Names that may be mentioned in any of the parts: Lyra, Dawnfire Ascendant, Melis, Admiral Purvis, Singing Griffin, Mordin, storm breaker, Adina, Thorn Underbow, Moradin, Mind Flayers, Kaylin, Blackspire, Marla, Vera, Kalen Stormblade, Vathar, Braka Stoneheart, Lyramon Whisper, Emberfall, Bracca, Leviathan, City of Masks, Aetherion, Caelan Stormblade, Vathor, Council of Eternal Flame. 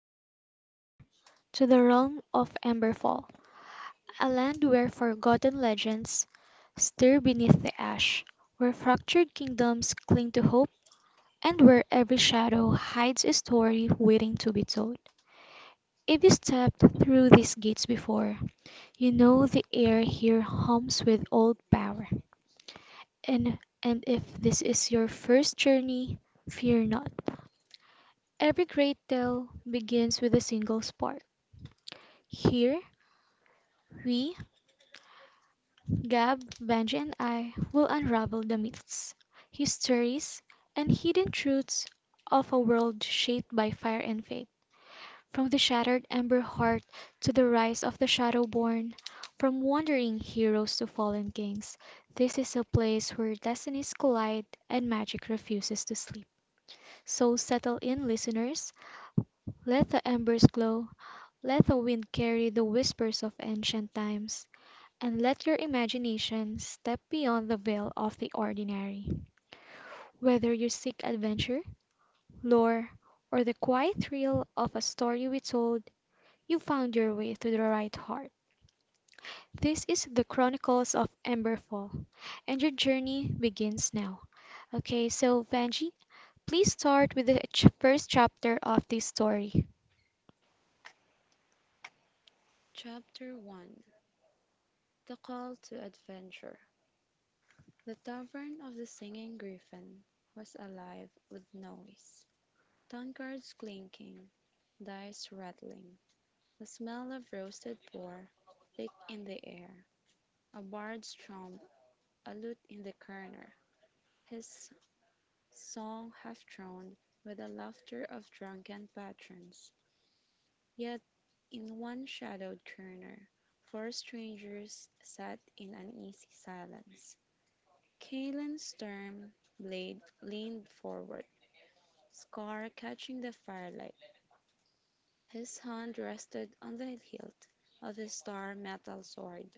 Welcome, traveler, to the realm of Emberfall, a land where forgotten legends stir beneath the ash, where fractured kingdoms cling to hope, and where every shadow hides a story waiting to be told. If you stepped through these gates before, you know the air here hums with old power. And and if this is your first journey, fear not. Every great tale begins with a single spark. Here, we Gab, Benji, and I will unravel the myths, histories, and hidden truths of a world shaped by fire and faith. From the shattered ember heart to the rise of the shadowborn, from wandering heroes to fallen kings, this is a place where destinies collide and magic refuses to sleep. So settle in, listeners. Let the embers glow. Let the wind carry the whispers of ancient times and let your imagination step beyond the veil of the ordinary. Whether you seek adventure, lore, or the quiet thrill of a story we told, you found your way to the right heart. This is the Chronicles of Emberfall, and your journey begins now. Okay, so Vanji, please start with the first chapter of this story. Chapter 1. The Call to Adventure. The tavern of the Singing Griffin was alive with noise, tankards clinking, dice rattling, the smell of roasted boar thick in the air, a bard's trump, a lute in the corner, his song half droned with the laughter of drunken patrons. Yet, in one shadowed corner, four strangers sat in uneasy silence. Kaylin's stern blade leaned forward, Scar catching the firelight. His hand rested on the hilt of his star metal sword,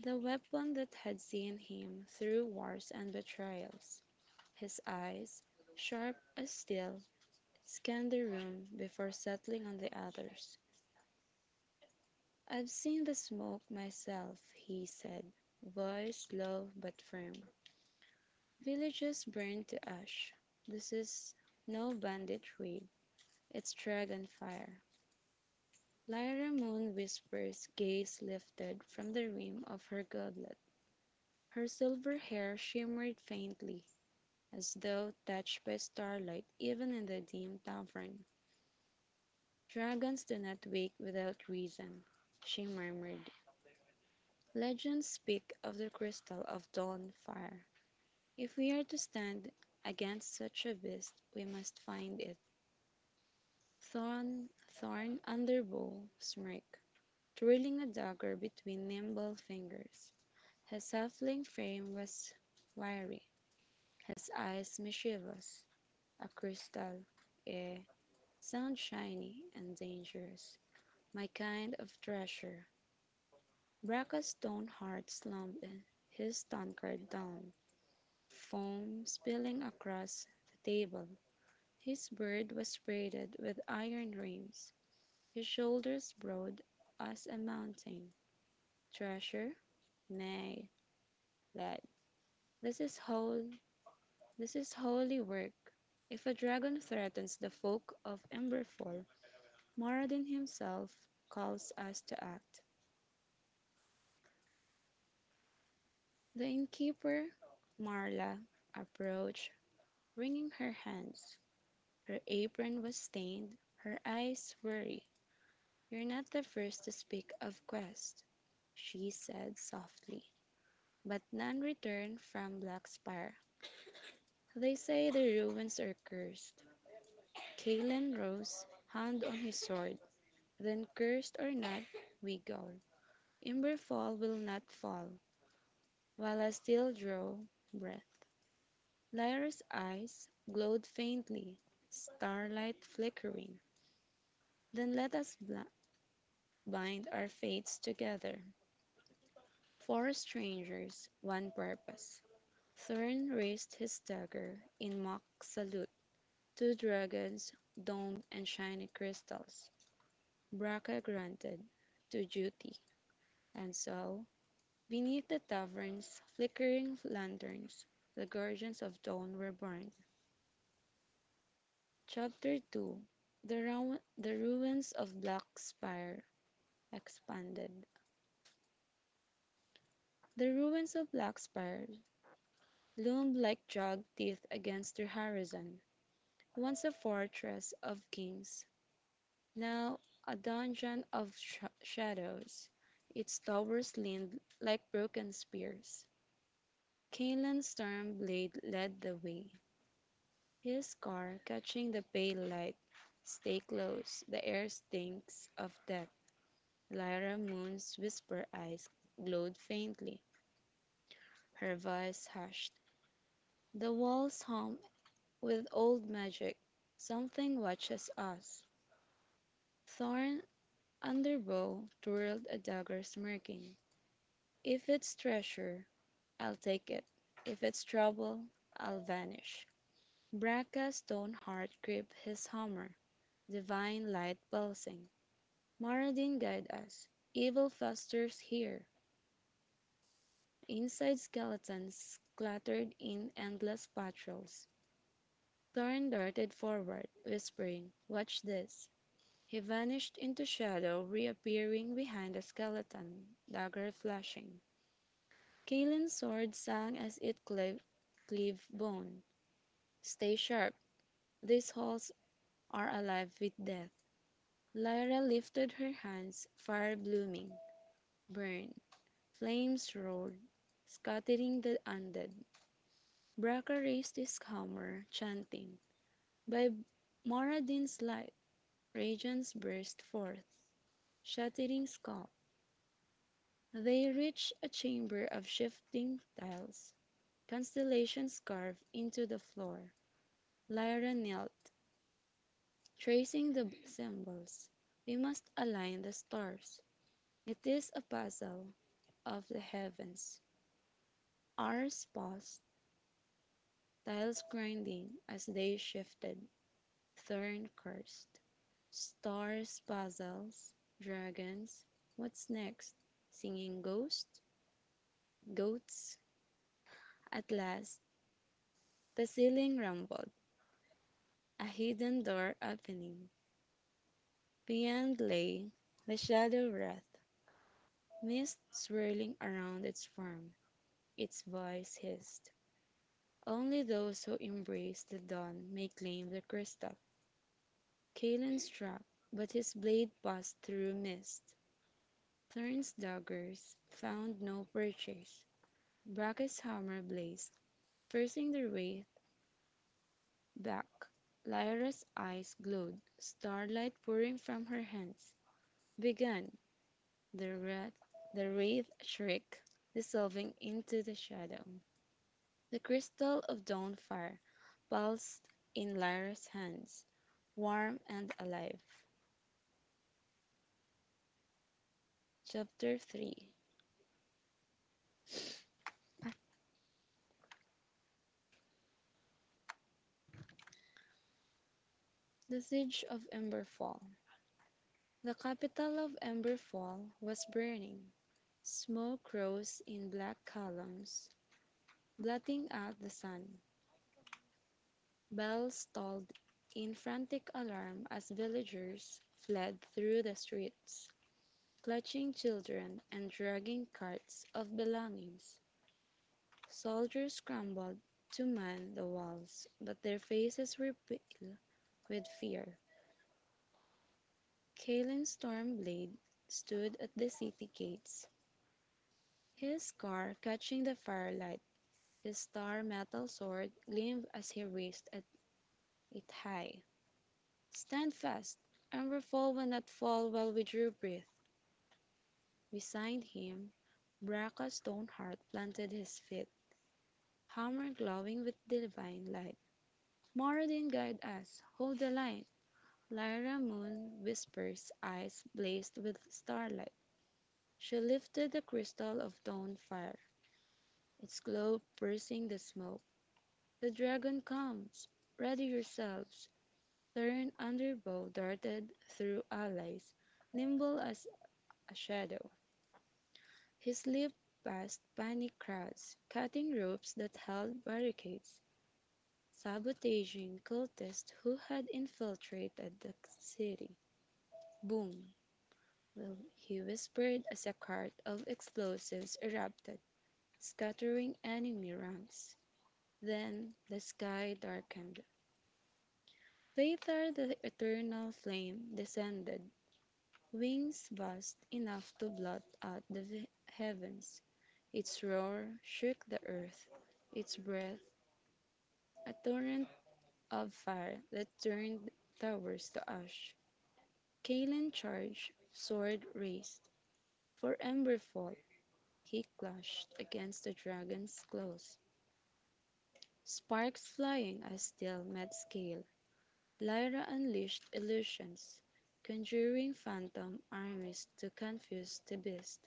the weapon that had seen him through wars and betrayals. His eyes, sharp as steel, scanned the room before settling on the others. "I've seen the smoke myself," he said, voice low but firm. "Villages burn to ash. This is no banditry, it's dragon fire." Lyra Moon whispers, gaze lifted from the rim of her goblet. Her silver hair shimmered faintly, as though touched by starlight even in the dim tavern. "Dragons do not wake without reason," she murmured. "Legends speak of the crystal of dawn fire. If we are to stand against such a beast we must find it." Thorn, thorn under bow, smirk, twirling a dagger between nimble fingers. His halfling frame was wiry, his eyes mischievous. "A crystal, eh, sound shiny and dangerous, my kind of treasure." Bracca's stone heart slumped his tankard down, foam spilling across the table. His beard was braided with iron rings, his shoulders broad as a mountain. "Treasure? Nay, lad, this is whole, this is holy work. If a dragon threatens the folk of Emberfall, Moradin himself calls us to act." The innkeeper, Marla, approached, wringing her hands. Her apron was stained, her eyes weary. "You're not the first to speak of Quest," she said softly. "But none returned from Blackspire. They say the ruins are cursed." Kalen rose, hand on his sword. "Then cursed or not, we go. Imberfall will not fall while I still draw breath." Lyra's eyes glowed faintly, starlight flickering. "Then let us bind our fates together. Four strangers, one purpose." Thurn raised his dagger in mock salute. "Two dragons, domed and shiny crystals." Braca granted to duty. And so, beneath the tavern's flickering lanterns, the guardians of dawn were born. Chapter 2. The ruins of Blackspire expanded. The ruins of Blackspire loomed like jagged teeth against the horizon. Once a fortress of kings, now a dungeon of shadows, its towers leaned like broken spears. Caelan Stormblade led the way, his car catching the pale light. "Stay close, the air stinks of death." Lyra Moon's whisper eyes glowed faintly, her voice hushed. "The walls hum with old magic. Something watches us." Thorn Underbow twirled a dagger, smirking. "If it's treasure, I'll take it. If it's trouble, I'll vanish." Bracca's stone heart gripped his hammer, divine light pulsing. "Maradin guide us. Evil festers here." Inside, skeletons clattered in endless patrols. Thorn darted forward, whispering, "Watch this." He vanished into shadow, reappearing behind a skeleton, dagger flashing. Kaelin's sword sang as it cleaved, cleave bone. "Stay sharp. These halls are alive with death." Lyra lifted her hands, fire blooming, burned. Flames roared, scattering the undead. Braca raised his hammer, chanting. "By Moradin's light," radiance burst forth, shattering skull. They reached a chamber of shifting tiles, constellations carved into the floor. Lyra knelt, tracing the b- symbols. "We must align the stars. It is a puzzle of the heavens." Ours paused, tiles grinding as they shifted. Thorn cursed. "Stars, puzzles, dragons, what's next? Singing ghosts, goats." At last, the ceiling rumbled, a hidden door opening. Beyond lay the shadow wrath, mist swirling around its form. Its voice hissed. "Only those who embrace the dawn may claim the crystal." Kaelin struck, but his blade passed through mist. Thorn's daggers found no purchase. Bracke's hammer blazed, forcing the wraith back. Lyra's eyes glowed, starlight pouring from her hands. "Begone!" the wrath, the wraith shrieked, dissolving into the shadow. The crystal of dawn fire pulsed in Lyra's hands, warm and alive. Chapter 3. The Siege of Emberfall. The capital of Emberfall was burning. Smoke rose in black columns, blotting out the sun. Bells tolled in frantic alarm as villagers fled through the streets, clutching children and dragging carts of belongings. Soldiers scrambled to man the walls, but their faces were pale with fear. Kalin's Stormblade stood at the city gates, his scar catching the firelight. His star metal sword gleamed as he raised it high. "Stand fast! Emberfall will not fall while we drew breath." Beside him, Bracca's Stoneheart planted his feet, hammer glowing with divine light. "Moradin, guide us! Hold the line!" Lyra Moon whispers, eyes blazed with starlight. She lifted the crystal of dawn fire, its glow piercing the smoke. "The dragon comes. Ready yourselves." Turn underbow darted through allies, nimble as a shadow. He slipped past panic crowds, cutting ropes that held barricades, sabotaging cultists who had infiltrated the city. "Boom! Well," he whispered as a cart of explosives erupted, scattering enemy ranks. Then the sky darkened. Later, the eternal flame descended, wings vast enough to blot out the heavens. Its roar shook the earth, its breath a torrent of fire that turned towers to ash. Kaelin charged, sword raised, "For Emberfall!" He clashed against the dragon's claws, sparks flying as steel met scale. Lyra unleashed illusions, conjuring phantom armies to confuse the beast.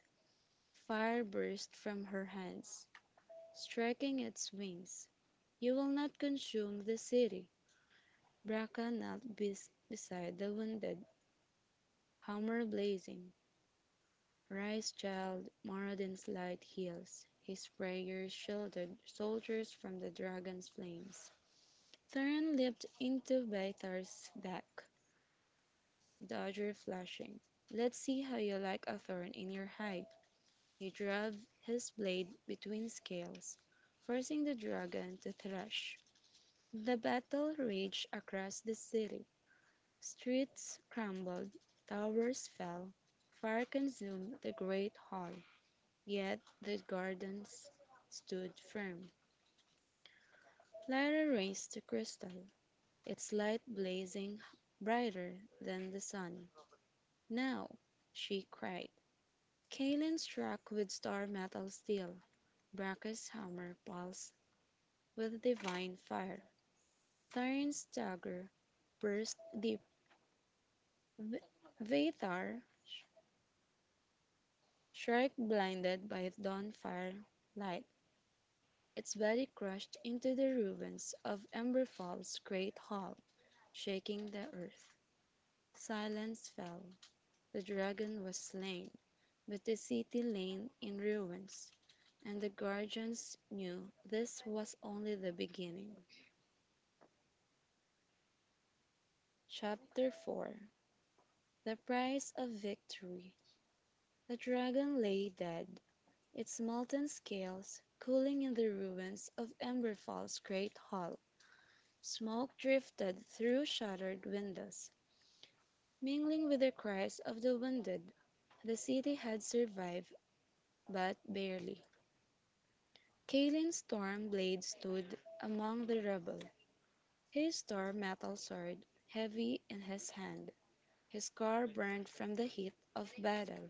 Fire burst from her hands, striking its wings. "You will not consume the city." Braca knelt beside the wounded, hammer blazing. "Rise, child, Moradin's light heals." His prayers shielded soldiers from the dragon's flames. Theron leaped into Baithar's back, dagger flashing. "Let's see how you like a thorn in your hide." He drove his blade between scales, forcing the dragon to thrash. The battle raged across the city. Streets crumbled, towers fell, fire consumed the great hall. Yet the gardens stood firm. Lyra raised the crystal, its light blazing brighter than the sun. "Now!" she cried. Kaelin struck with star metal steel. Bracca's hammer pulsed with divine fire. Tyrant's dagger burst deep. V- Vathar, shrike blinded by dawn fire light, its body crushed into the ruins of Emberfall's great hall, shaking the earth. Silence fell. The dragon was slain, but the city lay in ruins, and the guardians knew this was only the beginning. Chapter 4. The Price of Victory. The dragon lay dead, its molten scales cooling in the ruins of Emberfall's great hall. Smoke drifted through shattered windows, mingling with the cries of the wounded. The city had survived, but barely. Kalin's storm blade stood among the rubble, his star metal sword heavy in his hand, his car burned from the heat of battle.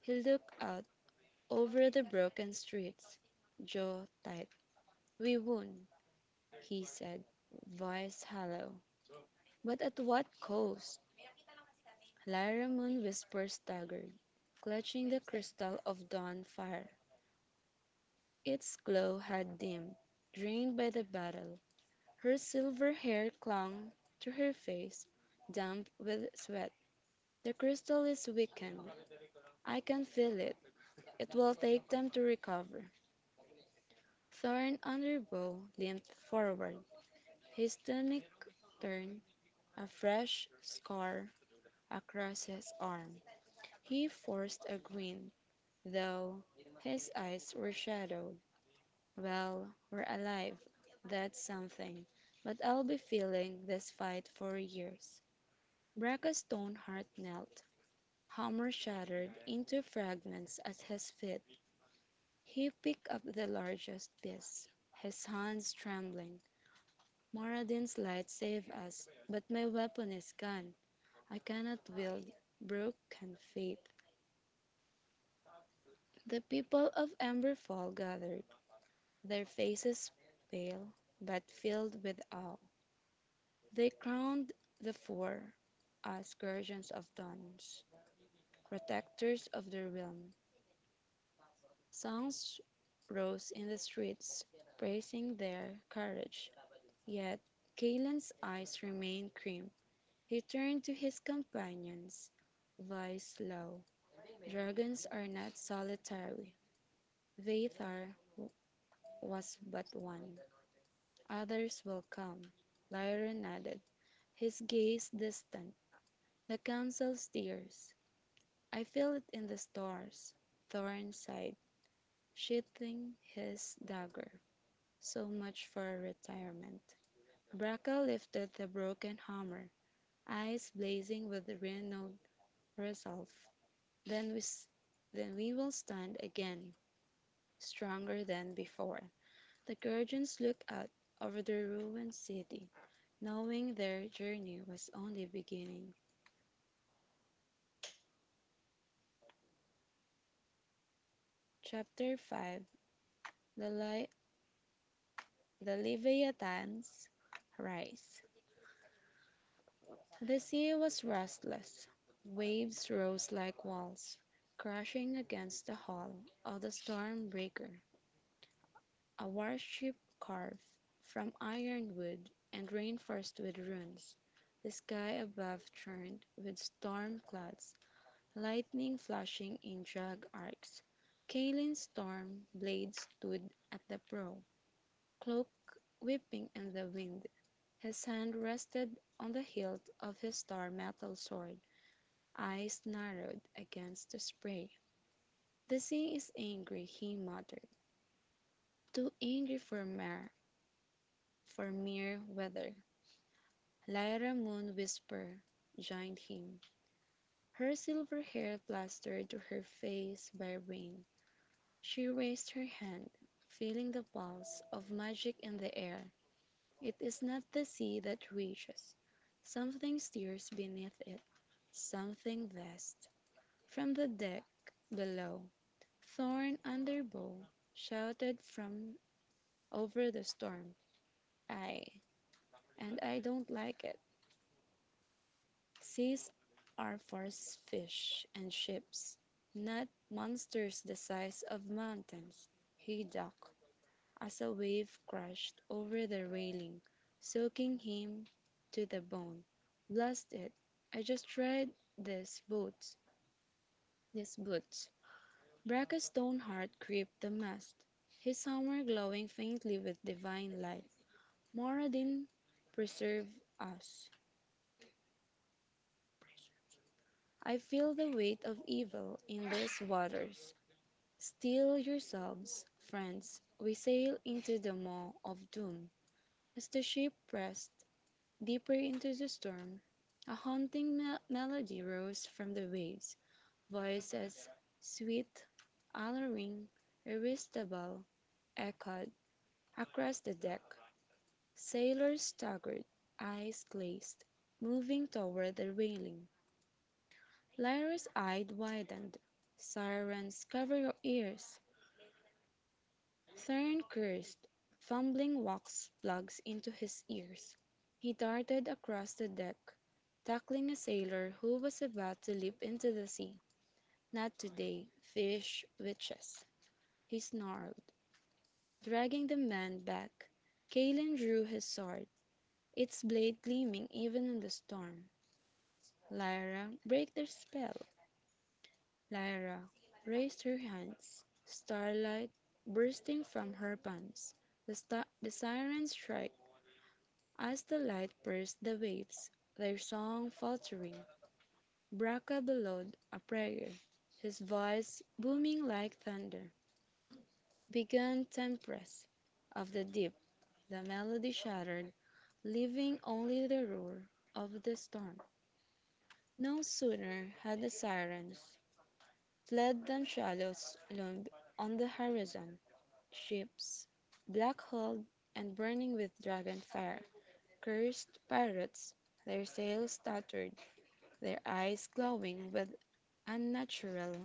He looked out over the broken streets, jaw tight. "We won," he said, voice hollow. "But at what cost?" Lyra Moon whispered, staggered, clutching the crystal of dawn fire. Its glow had dimmed, drained by the battle. Her silver hair clung to her face, damp with sweat. "The crystal is weakened. I can feel it. It will take them to recover." Thorn Underbow limped forward, his tunic turned, a fresh scar across his arm. He forced a grin, though his eyes were shadowed. "Well, we're alive. That's something. But I'll be feeling this fight for years." Bracka's stone heart knelt, hammer shattered into fragments at his feet. He picked up the largest piece, his hands trembling. "Moradin's light saved us, but my weapon is gone. I cannot wield broken faith." The people of Emberfall gathered, their faces pale, but filled with awe. They crowned the four as guardians of dawns, protectors of their realm. Songs rose in the streets, praising their courage. Yet Kalen's eyes remained crimped. He turned to his companions, voice low. "Dragons are not solitary. Vathar was but one. Others will come." Lyra nodded, his gaze distant. "The council steers. I feel it in the stars." Thorne sighed, sheathing his dagger. "So much for retirement." Braca lifted the broken hammer, eyes blazing with renewed resolve. Then we, then we will stand again, stronger than before." The Gurgeons looked out over the ruined city, knowing their journey was only beginning. Chapter 5. The Lie. The Leviathan's rise. The sea was restless. Waves rose like walls, crashing against the hull of the storm breaker, a warship carved from ironwood and reinforced with runes. The sky above churned with storm clouds, lightning flashing in drag arcs. Kaelin's storm blade stood at the prow, cloak whipping in the wind. His hand rested on the hilt of his star metal sword, eyes narrowed against the spray. "The sea is angry," he muttered, "too angry for mere weather." Lyra Moon Whisper joined him, her silver hair plastered to her face by rain. She raised her hand, feeling the pulse of magic in the air. "It is not the sea that rages, something stirs beneath it, something vast." From the deck below, Thorn under bow, shouted from over the storm, "Ay, and I don't like it. Seas are for fish and ships, not monsters the size of mountains." Haydock, as a wave crashed over the railing, soaking him to the bone. Blast it! I just tried this boots. This boots. Brackett's Stoneheart gripped the mast, his hammer glowing faintly with divine light. Moradin, preserve us. I feel the weight of evil in these waters. Steel yourselves, friends. We sail into the maw of doom. As the ship pressed deeper into the storm, a haunting melody rose from the waves, voices sweet, alluring, irresistible, echoed across the deck. Sailors staggered, eyes glazed, moving toward the railing. Lyra's eyes widened. "Sirens, cover your ears!" Thorn cursed, fumbling wax plugs into his ears. He darted across the deck, tackling a sailor who was about to leap into the sea. "Not today, fish witches!" he snarled, dragging the man back. Kaelin drew his sword, its blade gleaming even in the storm. "Lyra, break their spell!" Lyra raised her hands, starlight bursting from her palms. The siren's shriek, as the light pierced the waves, their song faltering, Braca bellowed a prayer. His voice, booming like thunder, began tempests of the deep. The melody shattered, leaving only the roar of the storm. No sooner had the sirens fled than shadows loomed on the horizon. Ships, black hulled and burning with dragon fire, cursed pirates, their sails tattered, their eyes glowing with unnatural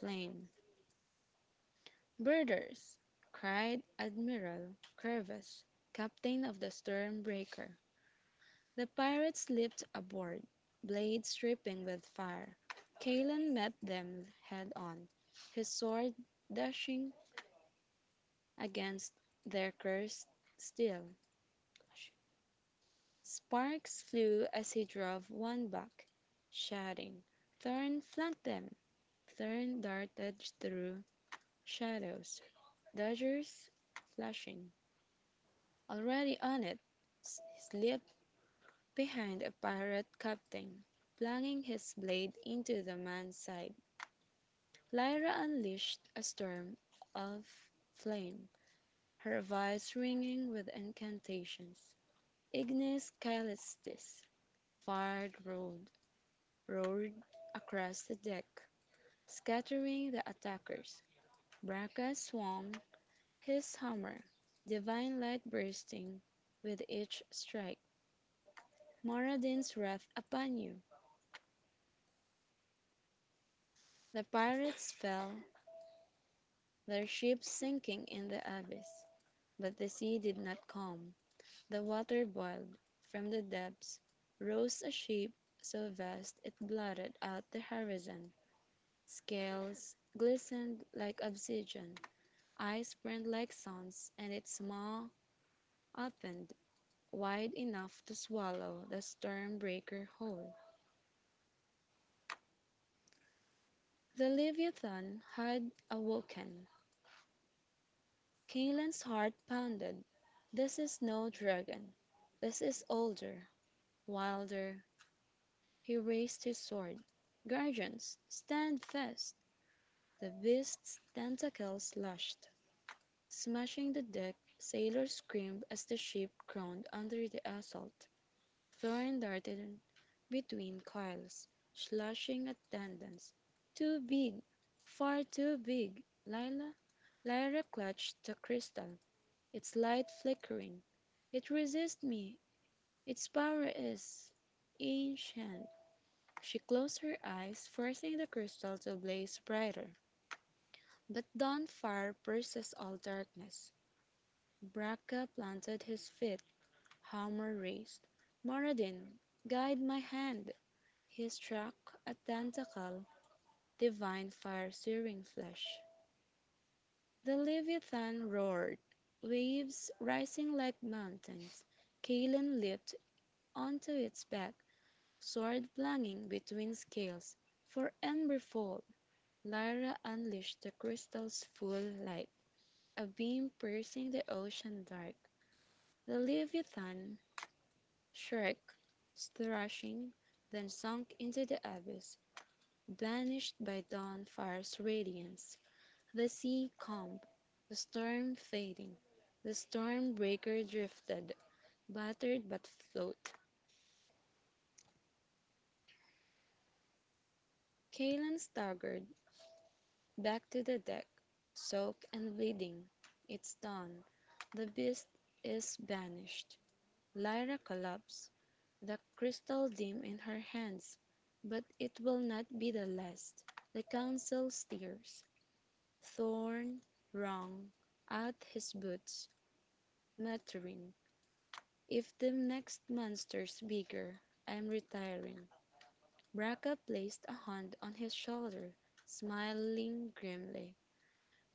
flame. "Birders!" cried Admiral Purvis, captain of the Storm Breaker. The pirates leaped aboard, blades dripping with fire. Kalen met them head on, his sword dashing against their cursed steel. Sparks flew as he drove one back, shouting, "Thorn, flank them!" Thorn darted through shadows, daggers flashing. "Already on it," s- slipped behind a pirate captain, plunging his blade into the man's side. Lyra unleashed a storm of flame, her voice ringing with incantations. "Ignis Callistis!" Fire roared across the deck, scattering the attackers. Braca swung his hammer, divine light bursting with each strike. "Maradin's wrath upon you!" The pirates fell, their ships sinking in the abyss, but the sea did not calm. The water boiled. From the depths rose a shape so vast it blotted out the horizon. Scales glistened like obsidian, eyes burned like suns, and its maw opened wide enough to swallow the Storm Breaker whole. The Leviathan had awoken. Kaylen's heart pounded. "This is no dragon. This is older, wilder." He raised his sword. "Guardians, stand fast!" The beast's tentacles lashed, smashing the deck. Sailors screamed as the ship groaned under the assault. Thorn darted between coils, slashing at Dandan's. "Too big, far too big, Lila!" Lyra clutched the crystal, its light flickering. "It resists me. Its power is ancient." She closed her eyes, forcing the crystal to blaze brighter. "But dawn fire pierces all darkness." Braca planted his feet, hammer raised. "Moradin, guide my hand!" He struck a tentacle, divine fire searing flesh. The leviathan roared, waves rising like mountains. Kaelin leaped onto its back, sword blanging between scales. "For Emberfall!" Lyra unleashed the crystal's full light, a beam piercing the ocean dark. The leviathan shrieked, thrashing, then sunk into the abyss, banished by dawn fire's radiance. The sea calm, the storm fading, the Storm Breaker drifted, battered but float. Kalan staggered back to the deck, soaked and bleeding. "It's dawn. The beast is banished." Lyra collapsed, the crystal dim in her hands. "But it will not be the last. The council stirs." Thorn wrung out his boots, muttering, "If the next monster's bigger, I'm retiring." Braca placed a hand on his shoulder, smiling grimly.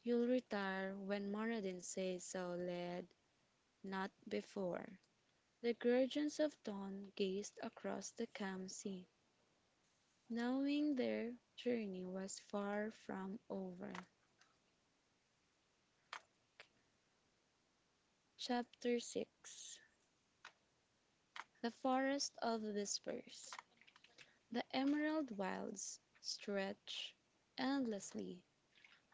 "You'll retire when Moradin says so, lad, not before." The guardians of dawn gazed across the calm sea, knowing their journey was far from over. Chapter Six: The Forest of Whispers. The emerald wilds stretch endlessly,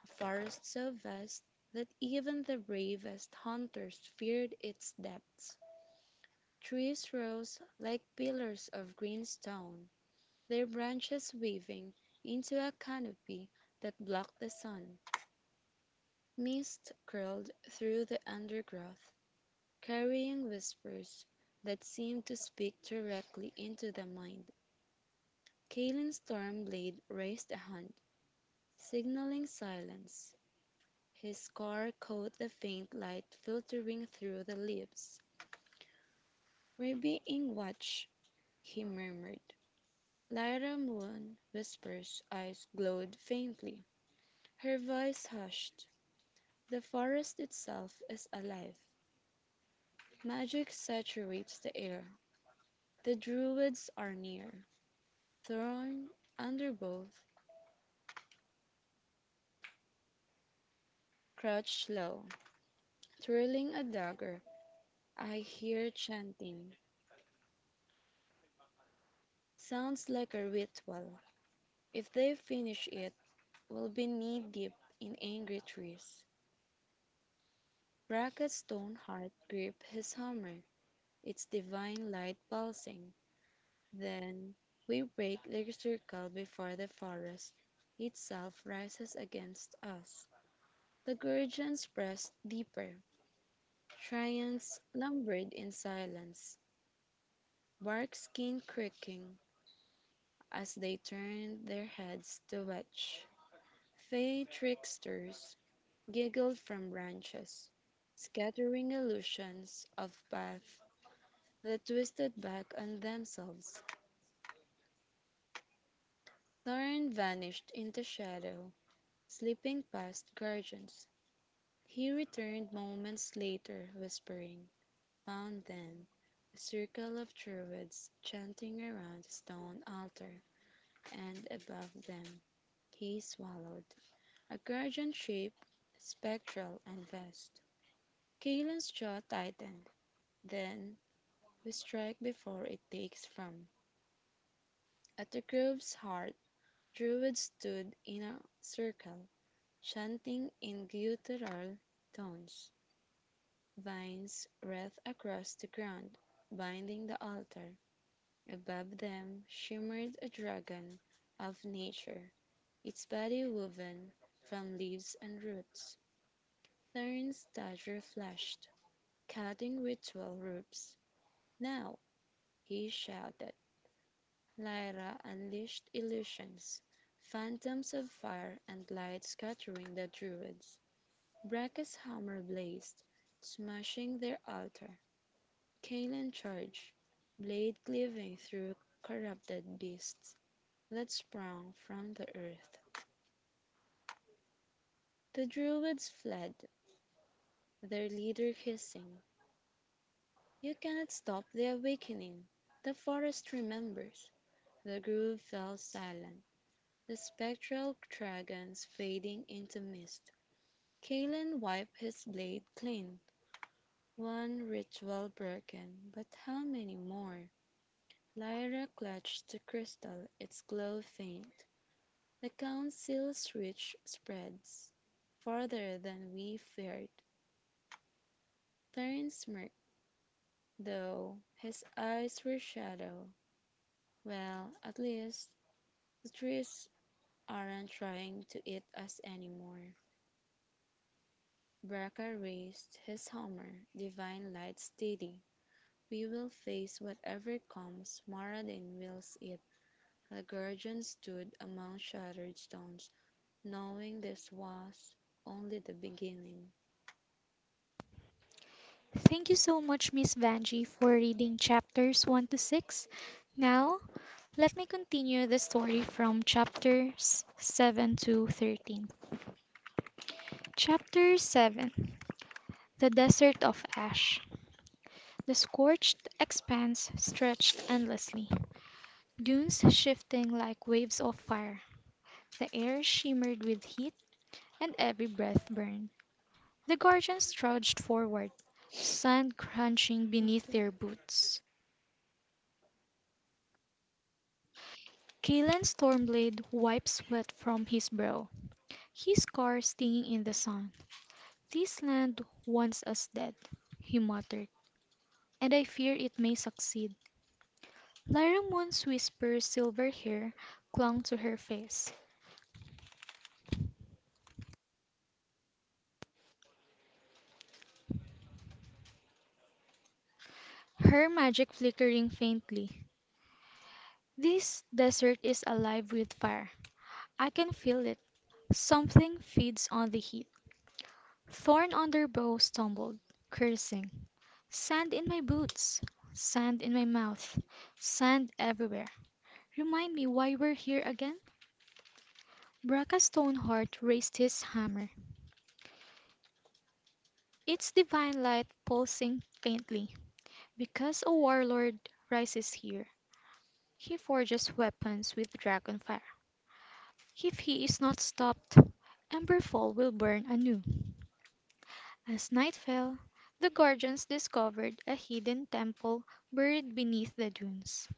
a forest so vast that even the bravest hunters feared its depths. Trees rose like pillars of green stone, their branches weaving into a canopy that blocked the sun. Mist curled through the undergrowth, carrying whispers that seemed to speak directly into the mind. Kaylin's storm blade raised a hand, signaling silence. His car caught the faint light filtering through the leaves. "We're being watched," he murmured. Lyda Moon Whisper's eyes glowed faintly. Her voice hushed. "The forest itself is alive. Magic saturates the air. The Druids are near." Thorn Undergrowth crouched low, twirling a dagger. "I hear chanting. Sounds like a ritual. If they finish it, we'll be knee deep in angry trees." Brackett's stone heart gripped his hammer, its divine light pulsing. "Then we break the circle before the forest itself rises against us." The Gurgeons pressed deeper. Triants lumbered in silence, bark skin creaking as they turned their heads to watch. Fey tricksters giggled from branches, scattering illusions of paths that twisted back on themselves. Thorin vanished into shadow, slipping past guardians. He returned moments later, whispering, "Found them, a circle of druids chanting around a stone altar, and above them," he swallowed, "a guardian shape, spectral and vast." Kaelin's jaw tightened. "Then we strike before it takes from." At the grove's heart, Druids stood in a circle, chanting in guttural tones. Vines wreathed across the ground, binding the altar. Above them shimmered a dragon of nature, its body woven from leaves and roots. Theron's dagger flashed, cutting ritual ropes. "Now!" he shouted. Lyra unleashed illusions, phantoms of fire and light scattering the Druids. Braca's hammer blazed, smashing their altar. Caelan charged, blade cleaving through corrupted beasts that sprang from the earth. The Druids fled, their leader hissing, "You cannot stop the awakening! The forest remembers!" The grove fell silent, the spectral dragons fading into mist. Kaylin wiped his blade clean. "One ritual broken, but how many more?" Lyra clutched the crystal, its glow faint. "The council's reach spreads farther than we feared." Theron smirked, though his eyes were shadow. "Well, at least the trees aren't trying to eat us anymore. More. Braca raised his hammer, divine light steady. "We will face whatever comes, Marad wills it." Laguardian stood among shattered stones, knowing this was only the beginning. Thank you so much, Miss Vanji, for reading chapters 1 to 6. Now, let me continue the story from chapters 7 to 13. Chapter 7: The Desert of Ash. The scorched expanse stretched endlessly, dunes shifting like waves of fire. The air shimmered with heat, and every breath burned. The guardians trudged forward, sand crunching Not beneath too their boots. Kalen Stormblade wipes sweat from his brow, his scar stinging in the sun. "This land wants us dead," he muttered, "and I fear it may succeed." Larimon's whisper silver hair clung to her face, her magic flickering faintly. "This desert is alive with fire. I can feel it. Something feeds on the heat." Thorn Underbow stumbled, cursing. "Sand in my boots! Sand in my mouth! Sand everywhere! Remind me why we're here again? Braka Stoneheart raised his hammer, its divine light pulsing faintly. Because a warlord rises here, he forges weapons with dragon fire. If he is not stopped, Emberfall will burn anew. As night fell, the Guardians discovered a hidden temple buried beneath the dunes.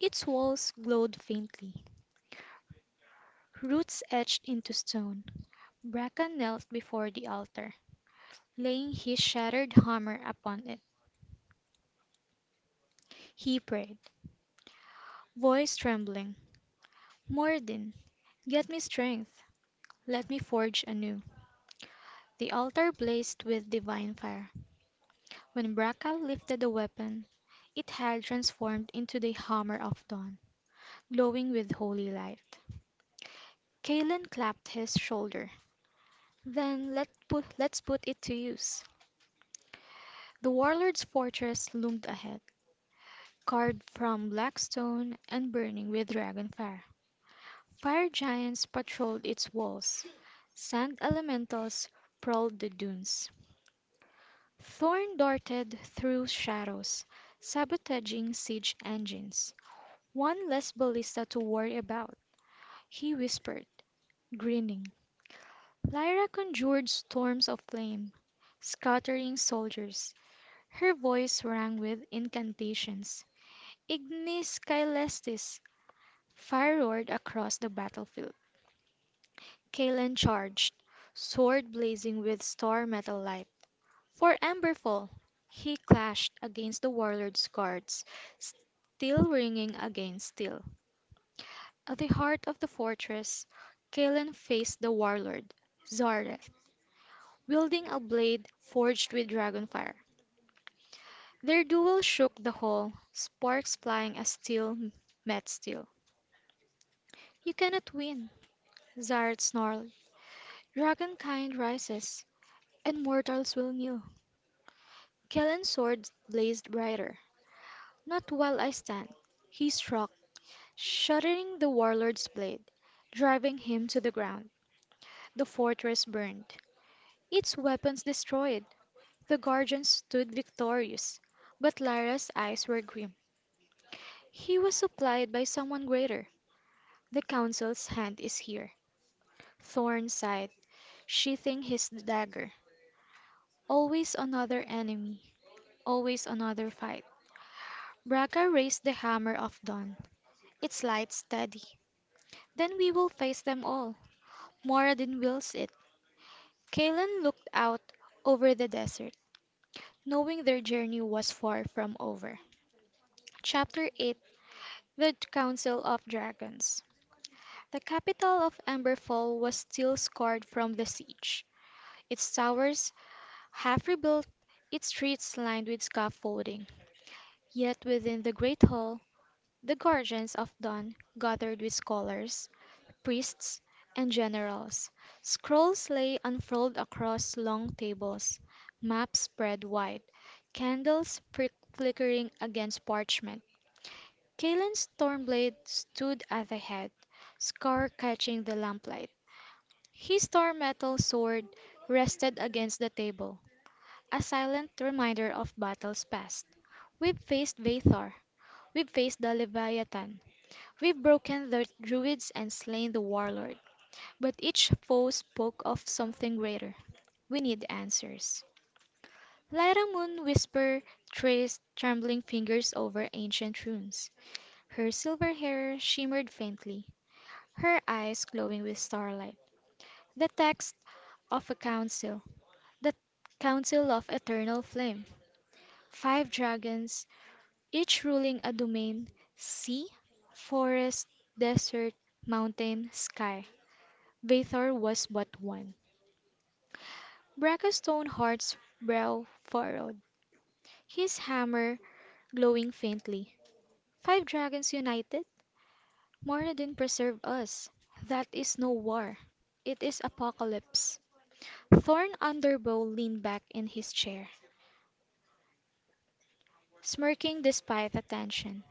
Its walls glowed faintly, roots etched into stone. Braka knelt before the altar. Laying his shattered hammer upon it, he prayed, voice trembling, "Mordin, get me strength, let me forge anew." The altar blazed with divine fire. When Braca lifted the weapon, it had transformed into the Hammer of Dawn, glowing with holy light. Kaelin clapped his shoulder. "Then let's put it to use." The warlord's fortress loomed ahead, carved from black stone and burning with dragon fire. Fire giants patrolled its walls. Sand elementals prowled the dunes. Thorn darted through shadows, sabotaging siege engines. "One less ballista to worry about," he whispered, grinning. Lyra conjured storms of flame, scattering soldiers. Her voice rang with incantations. "Ignis Caelestis!" Fire roared across the battlefield. Kalen charged, sword blazing with star metal light. For Emberfall! He clashed against the warlord's guards, steel ringing against steel. At the heart of the fortress, Kalen faced the warlord, Zareth, wielding a blade forged with dragonfire. Their duel shook the hall, sparks flying as steel met steel. "You cannot win," Zareth snarled. "Dragonkind rises, and mortals will kneel." Kellen's sword blazed brighter. "Not while I stand!" He struck, shattering the warlord's blade, driving him to the ground. The fortress burned, its weapons destroyed. The guardians stood victorious, but Lyra's eyes were grim. He was supplied by someone greater. "The Council's hand is here." Thorn sighed, sheathing his dagger. Always another enemy, always another fight. Braga raised the hammer of dawn, its light steady. Then we will face them all. Moradin wills it." Kalen looked out over the desert, knowing their journey was far from over. Chapter 8: The Council of Dragons. The capital of Emberfall was still scarred from the siege, its towers half rebuilt, its streets lined with scaffolding. Yet within the great hall the guardians of dawn gathered with scholars, priests, and generals. Scrolls lay unfurled across long tables, maps spread wide, candles flickering against parchment. Kaelin's Stormblade stood at the head, scar catching the lamplight. His star metal sword rested against the table, a silent reminder of battles past. We've faced Vathor. We've faced the Leviathan. We've broken the druids and slain the warlord. But each foe spoke of something greater. We need answers. Light moon whisper traced trembling fingers over ancient runes. Her silver hair shimmered faintly, her eyes glowing with starlight. The text of a council, the Council of Eternal Flame. Five dragons, each ruling a domain: sea, forest, desert, mountain, sky. Vathor was but one. Brackenstone Heart's brow furrowed, his hammer glowing faintly. Five dragons united? Moradin preserve us! That is no war. It is apocalypse. Thorn Underbow leaned back in his chair, smirking despite the tension.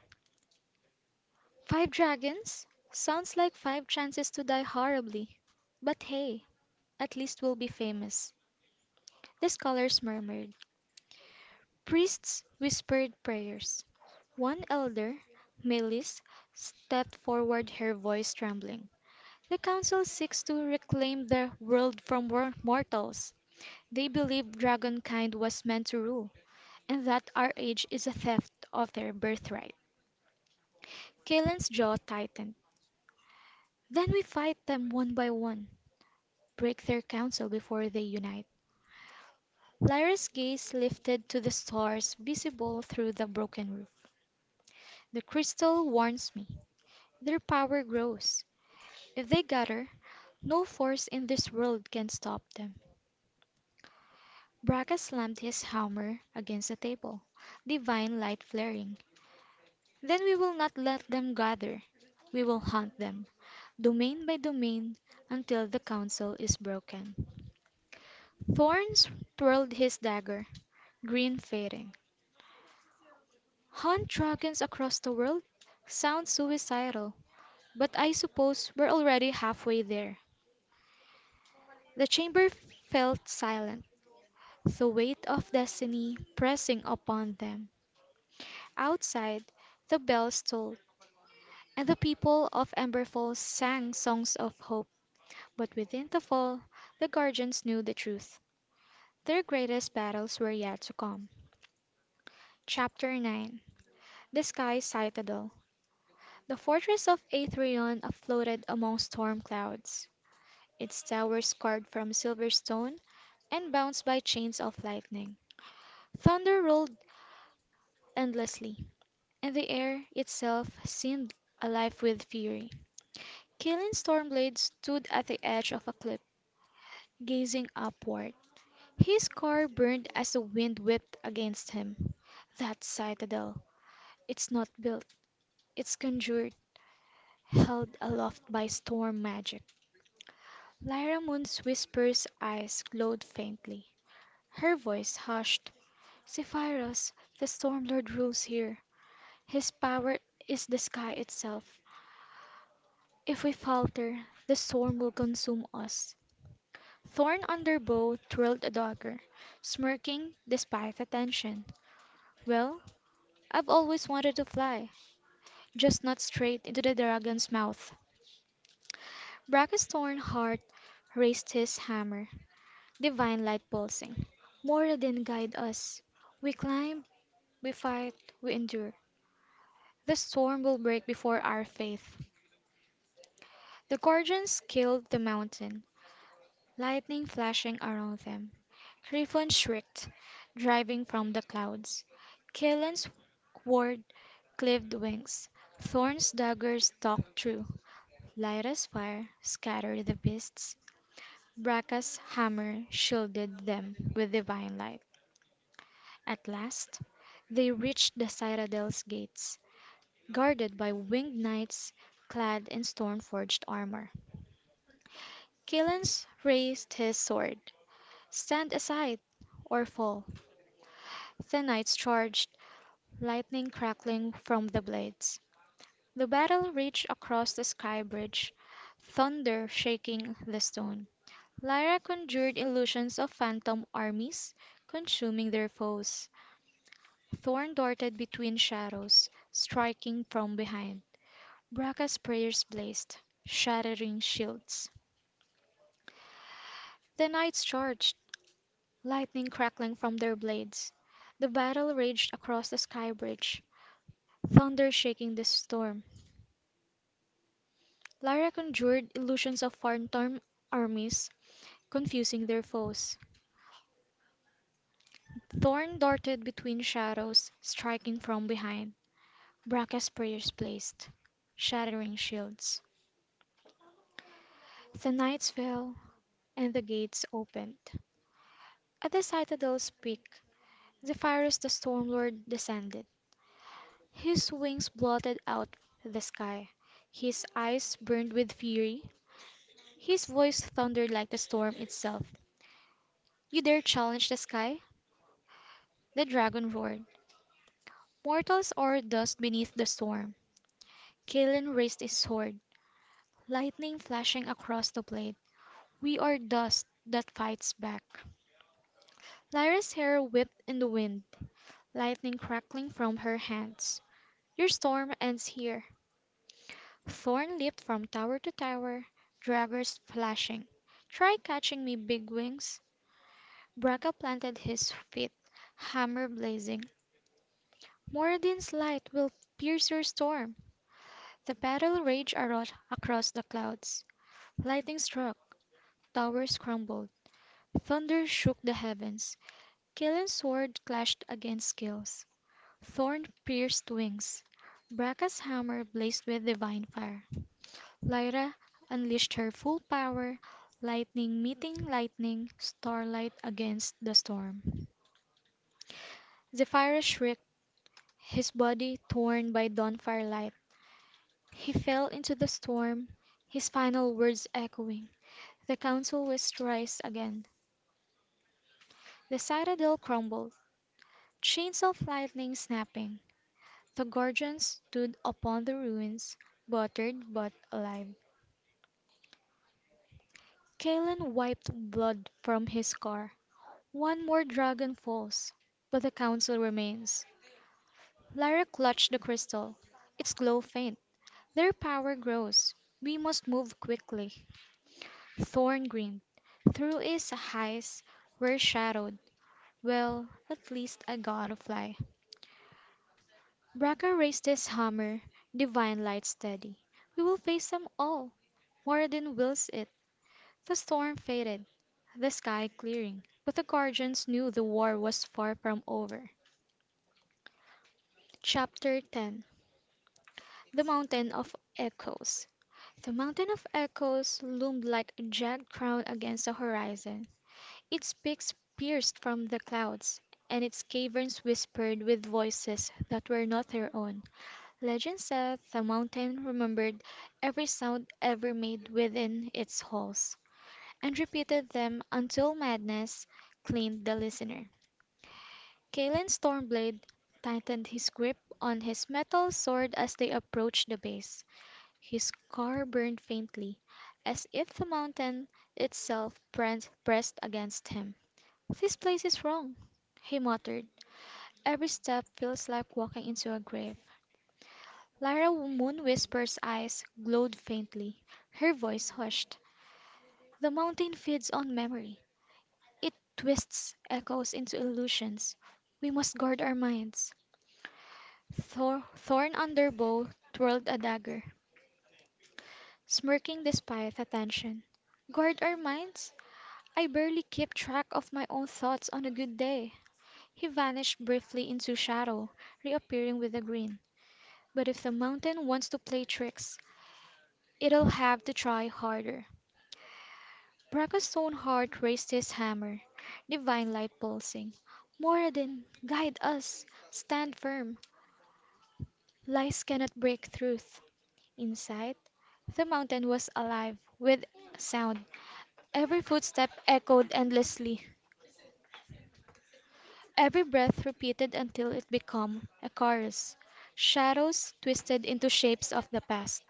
Five dragons? Sounds like five chances to die horribly. But hey, at least we'll be famous. The scholars murmured. Priests whispered prayers. One elder, Melis, stepped forward, her voice trembling. The Council seeks to reclaim the world from mortals. They believe dragonkind was meant to rule, and that our age is a theft of their birthright. Kaelin's jaw tightened. Then we fight them one by one, break their council before they unite. Lyra's gaze lifted to the stars visible through the broken roof. The crystal warns me. Their power grows. If they gather, no force in this world can stop them. Braga slammed his hammer against the table, divine light flaring. "Then we will not let them gather. We will hunt them, domain by domain, until the council is broken." Thorns twirled his dagger, green fading. "Hunt dragons across the world? Sounds suicidal, but I suppose we're already halfway there." The chamber felt silent, the weight of destiny pressing upon them. Outside, the bells tolled, and the people of Ember Falls sang songs of hope. But within the fall, the Guardians knew the truth. Their greatest battles were yet to come. Chapter 9: The Sky Citadel. The fortress of Aetherion floated among storm clouds, its towers carved from silver stone and bound by chains of lightning. Thunder rolled endlessly, and the air itself seemed alive with fury. Kaelin Stormblade stood at the edge of a cliff, gazing upward. His car burned as the wind whipped against him. That citadel, it's not built, it's conjured, held aloft by storm magic. Lyra Moon's whispers eyes glowed faintly. Her voice hushed. "Zephyrus, the storm lord rules here. His power is the sky itself. If we falter, the storm will consume us." Thorn Underbow twirled a dagger, smirking despite attention. "Well, I've always wanted to fly, just not straight into the dragon's mouth. Bracke's torn heart raised his hammer, divine light pulsing. Moradin guide us. We climb, we fight, we endure. The storm will break before our faith. The Gorgons scaled the mountain, lightning flashing around them. Griffon shrieked, driving from the clouds. Kaelin's ward cleaved wings. Thorn's daggers stalked through. Lyra's fire scattered the beasts. Bracca's hammer shielded them with divine light. At last they reached the citadel's gates, guarded by winged knights clad in storm forged armor. Killens raised his sword. "Stand aside, or fall!" The knights charged, lightning crackling from the blades. The battle raged across the sky bridge, thunder shaking the stone. Lyra conjured illusions of phantom armies consuming their foes. Thorn darted between shadows, striking from behind. Bracca's prayers blazed, shattering shields. The knights charged, lightning crackling from their blades. The battle raged across the sky bridge, thunder shaking the storm. Lyra conjured illusions of phantom armies, confusing their foes. Thorn darted between shadows, striking from behind. Bracca's prayers blazed, shattering shields. The knights fell, and the gates opened. At the citadel's peak Zephyrus the storm lord descended. His wings blotted out the sky, his eyes burned with fury, his voice thundered like the storm itself. "You dare challenge the sky?" the dragon roared. Mortals are dust beneath the storm. Kellen raised his sword, lightning flashing across the blade. "We are dust that fights back." Lyra's hair whipped in the wind, lightning crackling from her hands. "Your storm ends here. Thorn leaped from tower to tower, daggers flashing. "Try catching me, big wings!" Braca planted his feet, hammer blazing. "Moradin's light will pierce your storm!" The battle raged across the clouds. Lightning struck, towers crumbled, thunder shook the heavens. Killing's sword clashed against Kill's. Thorn pierced wings. Braca's hammer blazed with divine fire. Lyra unleashed her full power, lightning meeting lightning, starlight against the storm. Zephyr shrieked, his body torn by dawn firelight. He fell into the storm, his final words echoing. The council was thrice again. The citadel crumbled, chains of lightning snapping. The guardians stood upon the ruins, battered but alive. Kalen wiped blood from his scar. One more dragon falls, but the Council remains. Lara clutched the crystal. Its glow faint. Their power grows. We must move quickly. Thorn grinned. Through his eyes were shadowed, well, at least I got a fly. Braca raised his hammer, divine light steady. We will face them all. Moradin wills it. The storm faded, the sky clearing, but the guardians knew the war was far from over. CHAPTER 10. The Mountain of Echoes. The Mountain of Echoes loomed like a jagged crown against the horizon. Its peaks pierced from the clouds, and its caverns whispered with voices that were not their own. Legend said the mountain remembered every sound ever made within its halls, and repeated them until madness claimed the listener. Kalen Stormblade tightened his grip on his metal sword as they approached the base. His car burned faintly, as if the mountain itself pressed against him. "This place is wrong," he muttered. "Every step feels like walking into a grave." Lyra Moonwhisper's eyes glowed faintly. Her voice hushed. "The mountain feeds on memory. It twists echoes into illusions. We must guard our minds." Thorn Underbow twirled a dagger, smirking despite attention. "Guard our minds? I barely keep track of my own thoughts on a good day." He vanished briefly into shadow, reappearing with a grin. "But if the mountain wants to play tricks, it'll have to try harder." Bracca's stone heart raised his hammer, divine light pulsing. "Moradin, guide us! Stand firm! Lies cannot break truth." Inside, the mountain was alive with sound. Every footstep echoed endlessly, every breath repeated until it became a chorus. Shadows twisted into shapes of the past.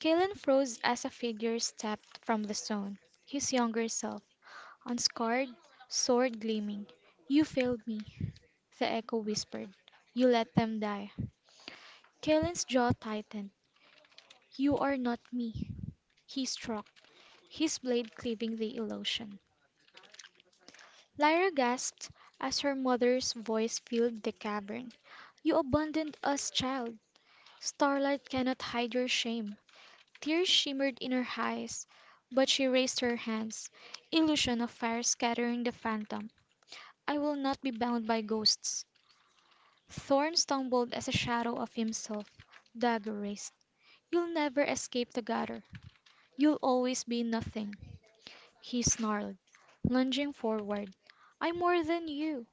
Kaelin froze as a figure stepped from the stone, his younger self, unscarred, sword gleaming. "You failed me," the echo whispered. "You let them die." Kaelin's jaw tightened. "You are not me." He struck, his blade cleaving the illusion. Lyra gasped as her mother's voice filled the cavern. "You abandoned us, child. Starlight cannot hide your shame." Tears shimmered in her eyes, but she raised her hands, illusion of fire scattering the phantom. "I will not be bound by ghosts." Thorn stumbled as a shadow of himself, dagger raised. "You'll never escape the gutter. You'll always be nothing," he snarled, lunging forward. "I'm more than you!"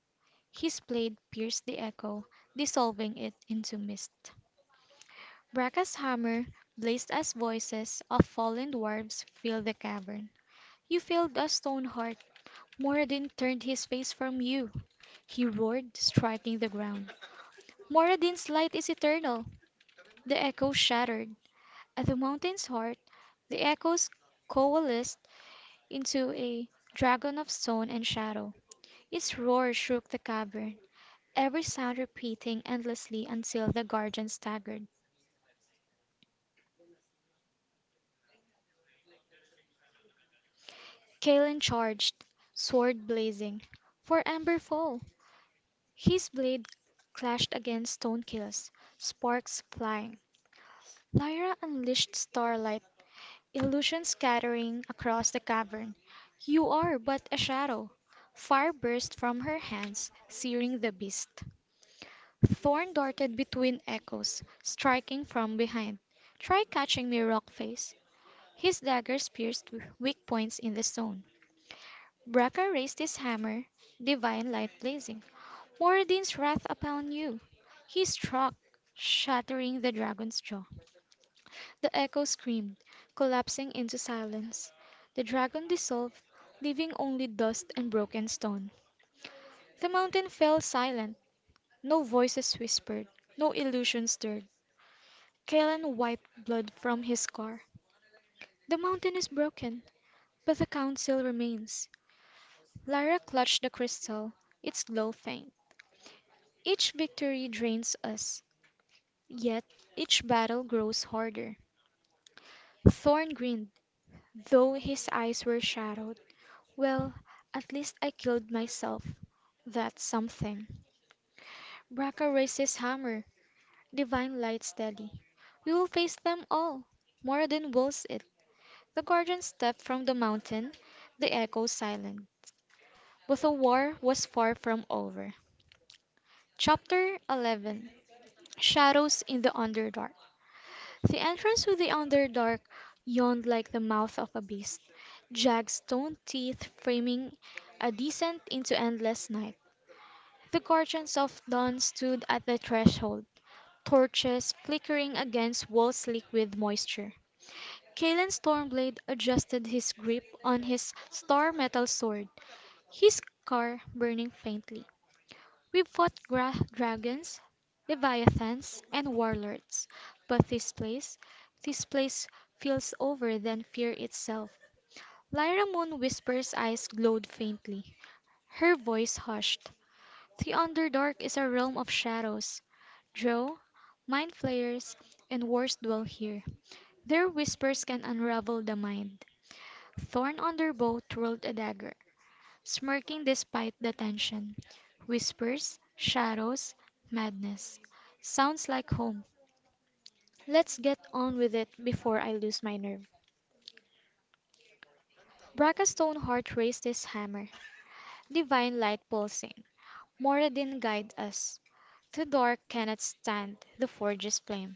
His blade pierced the echo, dissolving it into mist. Bracca's hammer blazed as voices of fallen dwarves filled the cavern. "You failed us, Stoneheart! Moradin turned his face from you!" He roared, striking the ground. "Moradin's light is eternal!" The echo shattered. At the mountain's heart, the echoes coalesced into a dragon of stone and shadow. His roar shook the cavern, every sound repeating endlessly until the guardian staggered. Kalen charged, sword blazing, "For Ember!" His blade clashed against stone kills, sparks flying. Lyra unleashed starlight, illusion scattering across the cavern. "You are but a shadow." Fire burst from her hands, searing the beast. Thorn darted between echoes, striking from behind. "Try catching me, Rockface!" His daggers pierced weak points in the stone. Braca raised his hammer, divine light blazing. "Moradin's wrath upon you!" He struck, shattering the dragon's jaw. The echo screamed, collapsing into silence. The dragon dissolved, leaving only dust and broken stone. The mountain fell silent. No voices whispered, no illusion stirred. Kaelan wiped blood from his scar. "The mountain is broken, but the Council remains." Lara clutched the crystal, its glow faint. "Each victory drains us, yet each battle grows harder." Thorn grinned, though his eyes were shadowed. "Well, at least I killed myself. That's something." Braca raised his hammer, divine light steady. "We will face them all. Moradin wills it." The guardian stepped from the mountain, the echoes silent. But the war was far from over. Chapter 11. Shadows in the Underdark. The entrance to the Underdark yawned like the mouth of a beast, jagged stone teeth framing a descent into endless night. The guardians of dawn stood at the threshold, torches flickering against walls slick with moisture. Kalen Stormblade adjusted his grip on his star metal sword, his scar burning faintly. "We fought gra dragons, leviathans, and warlords, but this place feels over than fear itself." Lyra Moon Whisper's eyes glowed faintly, her voice hushed. "The Underdark is a realm of shadows. Drow, Mind Flayers, and worse dwell here. Their whispers can unravel the mind." Thorn Underbow twirled a dagger, smirking despite the tension. "Whispers, shadows, madness. Sounds like home. Let's get on with it before I lose my nerve." Bracka's stone heart raised his hammer, divine light pulsing. "Moradin guide us. The dark cannot stand the forge's flame."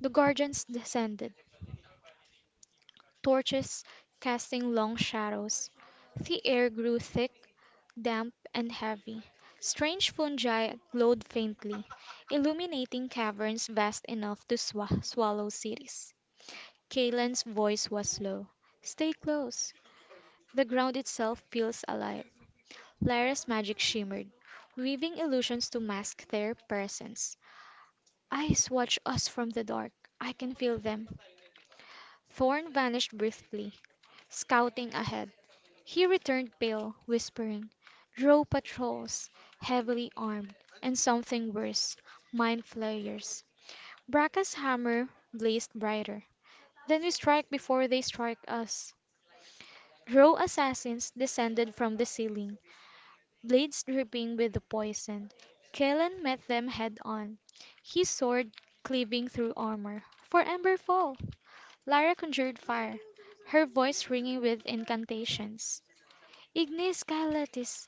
The guardians descended, torches casting long shadows. The air grew thick, damp, and heavy. Strange fungi glowed faintly, illuminating caverns vast enough to swallow cities. Kaylan's voice was low. "Stay close. The ground itself feels alive." Lyra's magic shimmered, weaving illusions to mask their presence. "Eyes watch us from the dark. I can feel them." Thorn vanished briefly, scouting ahead. He returned pale, whispering, "Draw patrols, heavily armed, and something worse, mind flayers." Bracca's hammer blazed brighter. "Then we strike before they strike us." Draw assassins descended from the ceiling, blades dripping with the poison. Kaelan met them head on, his sword cleaving through armor. "For Emberfall!" Lara conjured fire, her voice ringing with incantations. "Ignis Calamitis!"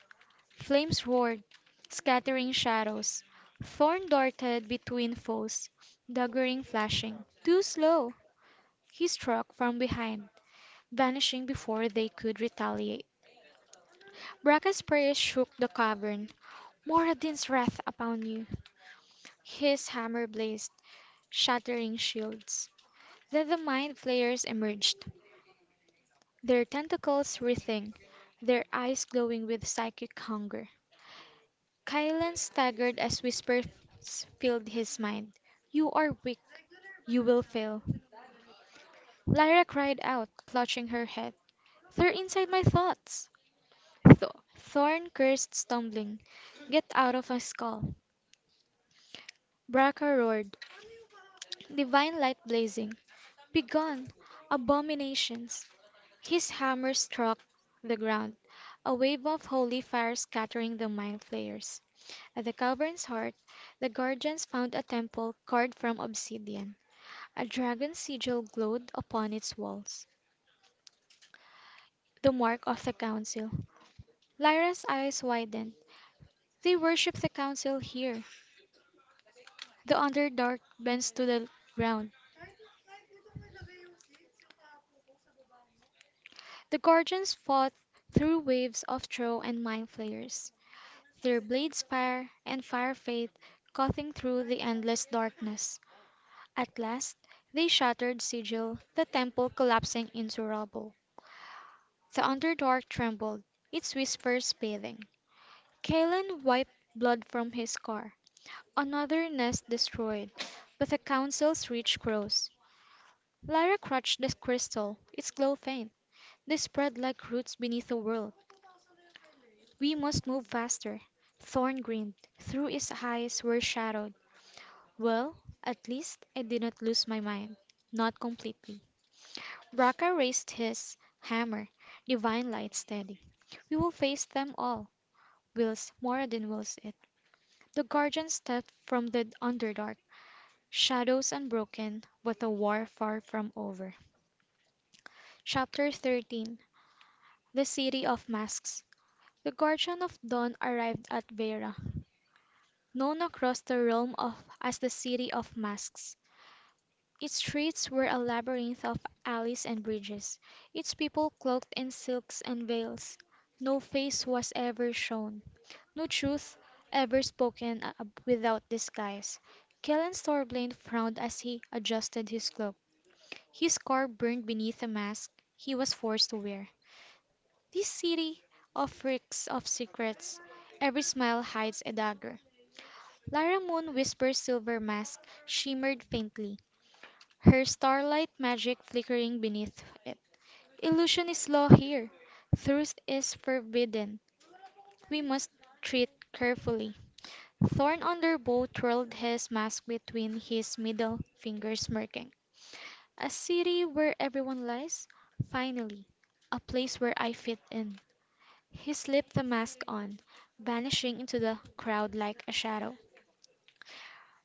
Flames roared, scattering shadows. Thorn darted between foes, daggering flashing. "Too slow!" He struck from behind, vanishing before they could retaliate. Bracca's prayer shook the cavern. "Moradin's wrath upon you!" His hammer blazed, shattering shields. Then the Mind Flayers emerged, their tentacles writhing, their eyes glowing with psychic hunger. Kylan staggered as whispers filled his mind. "You are weak. You will fail." Lyra cried out, clutching her head. "They're inside my thoughts." Thorn cursed, stumbling. "Get out of my skull." Braca roared, divine light blazing. "Begone, abominations!" His hammer struck the ground, a wave of holy fire scattering the mind flayers. At the cavern's heart, the guardians found a temple carved from obsidian. A dragon sigil glowed upon its walls, the mark of the Council. Lyra's eyes widened. "They worship the Council here! The Underdark bends to the ground." The guardians fought through waves of throw and Mind Flayers, their blades fire and fire faith cutting through the endless darkness. At last they shattered sigil, the temple collapsing into rubble. The Underdark trembled, its whispers bathing. Kalen wiped blood from his scar. "Another nest destroyed, but the Council's reach grows." Lyra clutched the crystal, its glow faint. "They spread like roots beneath a world. We must move faster." Thorn grinned. Through his eyes were shadowed. "Well, at least I did not lose my mind. Not completely." Braca raised his hammer, divine light steady. "We will face them all. Wills Moradin wills it." The guardian stepped from the Underdark, shadows unbroken, but a war far from over. CHAPTER 13. THE CITY OF MASKS. The Guardian of Dawn arrived at Vera, known across the realm of as the City of Masks. Its streets were a labyrinth of alleys and bridges, its people cloaked in silks and veils. No face was ever shown. No truth ever spoken without disguise. Kellan Storblane frowned as he adjusted his cloak. His scar burned beneath a mask he was forced to wear. "This city of reeks of secrets. Every smile hides a dagger." Lara Moon Whisper's silver mask shimmered faintly, her starlight magic flickering beneath it. "Illusion is law here. Truth is forbidden. We must treat carefully." Thorn Underbow twirled his mask between his middle fingers, smirking. "A city where everyone lies? Finally! A place where I fit in." He slipped the mask on, vanishing into the crowd like a shadow.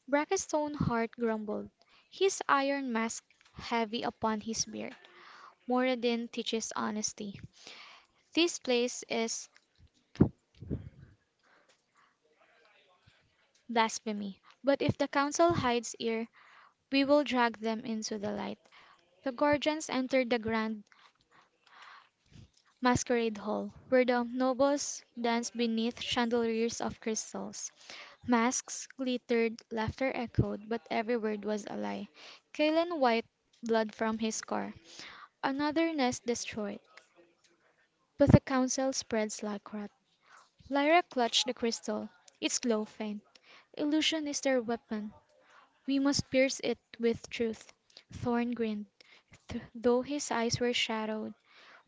Brackenstone Hart grumbled, his iron mask heavy upon his beard. "Moradin teaches honesty. This place is blasphemy. But if the Council hides here, we will drag them into the light." The Gorgons entered the Grand masquerade hall, where the nobles danced beneath chandeliers of crystals. Masks glittered, laughter echoed, but every word was a lie. Kailan wiped blood from his scar. "Another nest destroyed, but the council spreads like rot." Lyra clutched the crystal, its glow faint. "Illusion is their weapon. We must pierce it with truth." Thorn grinned, though his eyes were shadowed.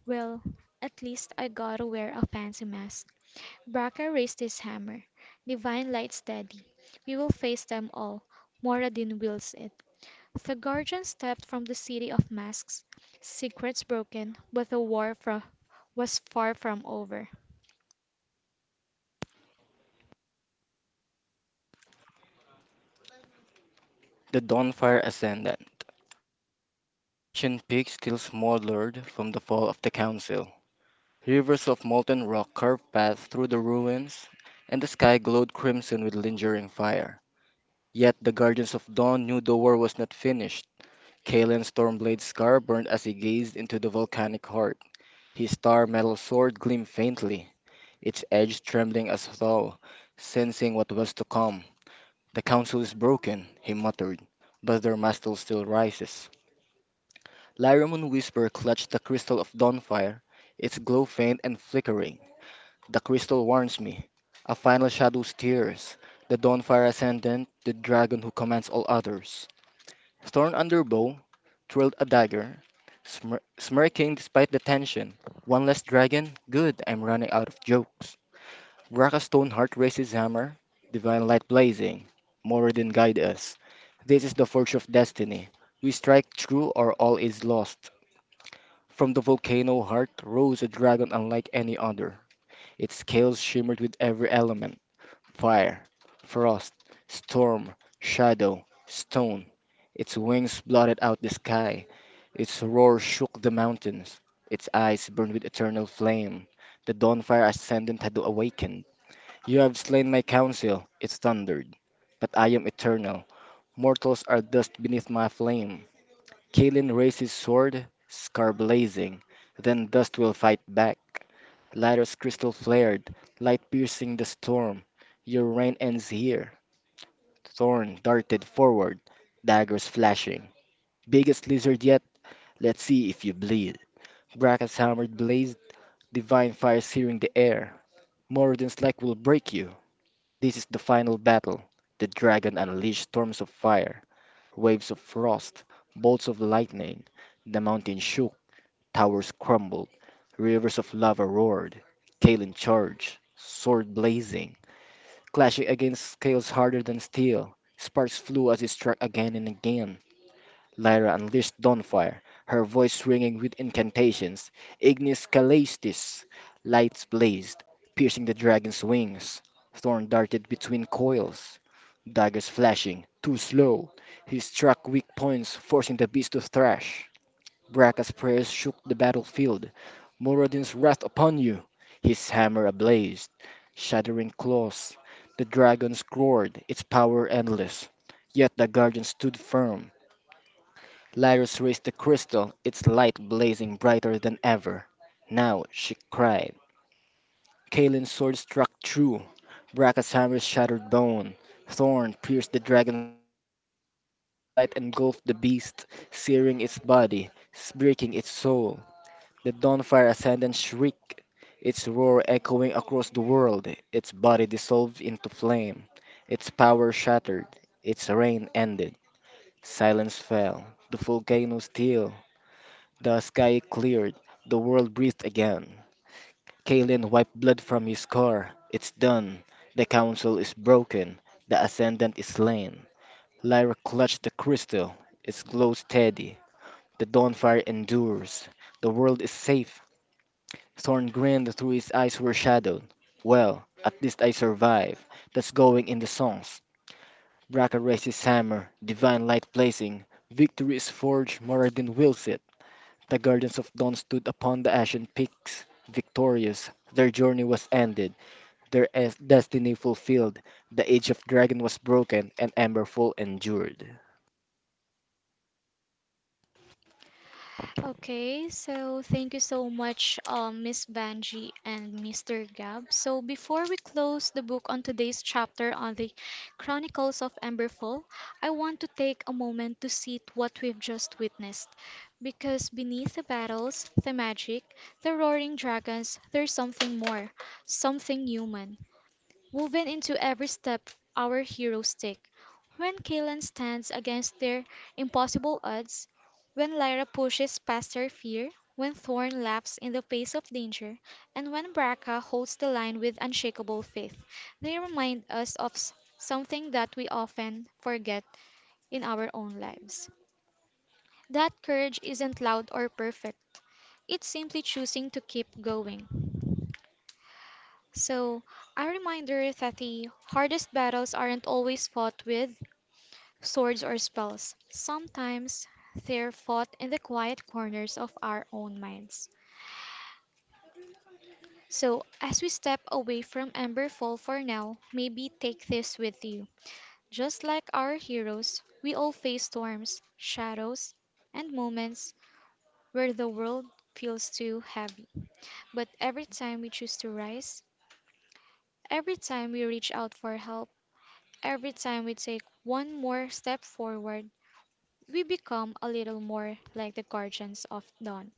"Well, at least I gotta wear a fancy mask." Braca raised his hammer, divine light steady. "We will face them all. Moradin wills it." The guardian stepped from the city of masks, secrets broken, but the war fro was far from over. The Dawnfire ascended. The ashen peak still smoldered from the fall of the council. Rivers of molten rock curved paths through the ruins, and the sky glowed crimson with lingering fire. Yet the Guardians of Dawn knew the war was not finished. Kaelin's Stormblade's scar burned as he gazed into the volcanic heart. His star metal sword gleamed faintly, its edge trembling as though sensing what was to come. The council is broken, he muttered, but their mantle still rises. Lyramon Whisper clutched the crystal of Dawnfire, its glow faint and flickering. The crystal warns me. A final shadow steers. The Dawnfire Ascendant, the dragon who commands all others. Thorn Underbow twirled a dagger, smirking despite the tension. One less dragon? Good, I'm running out of jokes. Braka Stoneheart raised his hammer, divine light blazing. Moradin guide us. This is the forge of destiny. We strike true or all is lost. From the volcano heart rose a dragon unlike any other. Its scales shimmered with every element fire, frost, storm, shadow, stone. Its wings blotted out the sky. Its roar shook the mountains. Its eyes burned with eternal flame. The dawnfire ascendant had awakened. You have slain my counsel, it thundered. But I am eternal. Mortals are dust beneath my flame. Kaelin raised his sword, scar blazing. Then dust will fight back. Lighters crystal flared, light piercing the storm. Your reign ends here. Thorn darted forward, daggers flashing. Biggest lizard yet, let's see if you bleed. Brackett's hammer blazed, divine fire searing the air. Moradin's like will break you. This is the final battle. The dragon unleashed storms of fire, waves of frost, bolts of lightning. The mountain shook. Towers crumbled, rivers of lava roared. Kalen charged, sword blazing, clashing against scales harder than steel. Sparks flew as he struck again and again. Lyra unleashed Dawnfire, her voice ringing with incantations. Ignis Calestis. Lights blazed, piercing the dragon's wings. Thorn darted between coils. Daggers flashing, too slow. He struck weak points, forcing the beast to thrash. Bracca's prayers shook the battlefield. Moradin's wrath upon you! His hammer ablaze, shattering claws. The dragons roared, its power endless. Yet the guardian stood firm. Lyris raised the crystal, its light blazing brighter than ever. Now, she cried. Kaelin's sword struck true. Bracca's hammer shattered bone. Thorn pierced the dragon's heart. The crystal's light engulfed the beast, searing its body, breaking its soul. The Dawnfire Ascendant shrieked, its roar echoing across the world, its body dissolved into flame, its power shattered, its reign ended. Silence fell, the volcano stilled, the sky cleared, the world breathed again. Kaelin wiped blood from his scar. It's done. The council is broken. The Ascendant is slain. Lyra clutched the crystal, its glow steady. The Dawnfire endures. The world is safe. Thorn grinned through his eyes were shadowed. Well, at least I survive. That's going in the songs. Braca raised his hammer, divine light blazing. Victory is forged, Moradin wills it. The guardians of dawn stood upon the ashen peaks, victorious. Their journey was ended, destiny fulfilled. The age of dragon was broken, and Emberfall endured. Okay, so thank you so much, Miss Banji and Mr. Gab. So before we close the book on today's chapter on the Chronicles of Emberfall, I want to take a moment to sit what we've just witnessed, because beneath the battles, the magic, the roaring dragons, there's something more, something human woven into every step our heroes take. When Kaelan stands against their impossible odds, when Lyra pushes past her fear, when Thorn laughs in the face of danger, and when Braca holds the line with unshakable faith, they remind us of something that we often forget in our own lives. That courage isn't loud or perfect. It's simply choosing to keep going. So, a reminder that the hardest battles aren't always fought with swords or spells. Sometimes they're fought in the quiet corners of our own minds. So, as we step away from Emberfall for now, maybe take this with you. Just like our heroes, we all face storms, shadows, and moments where the world feels too heavy. But every time we choose to rise, every time we reach out for help, every time we take one more step forward, we become a little more like the guardians of dawn.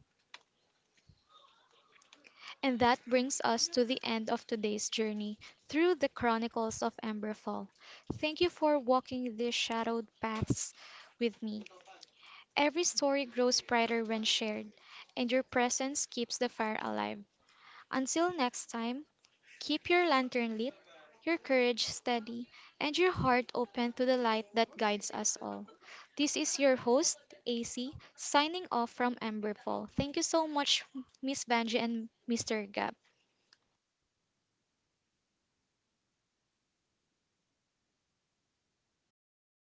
And that brings us to the end of today's journey through the Chronicles of Emberfall. Thank you for walking these shadowed paths with me. Every story grows brighter when shared, and your presence keeps the fire alive. Until next time, keep your lantern lit, your courage steady, and your heart open to the light that guides us all. This is your host, AC, signing off from Emberfall. Thank you so much, Miss Banji and Mr. Gab.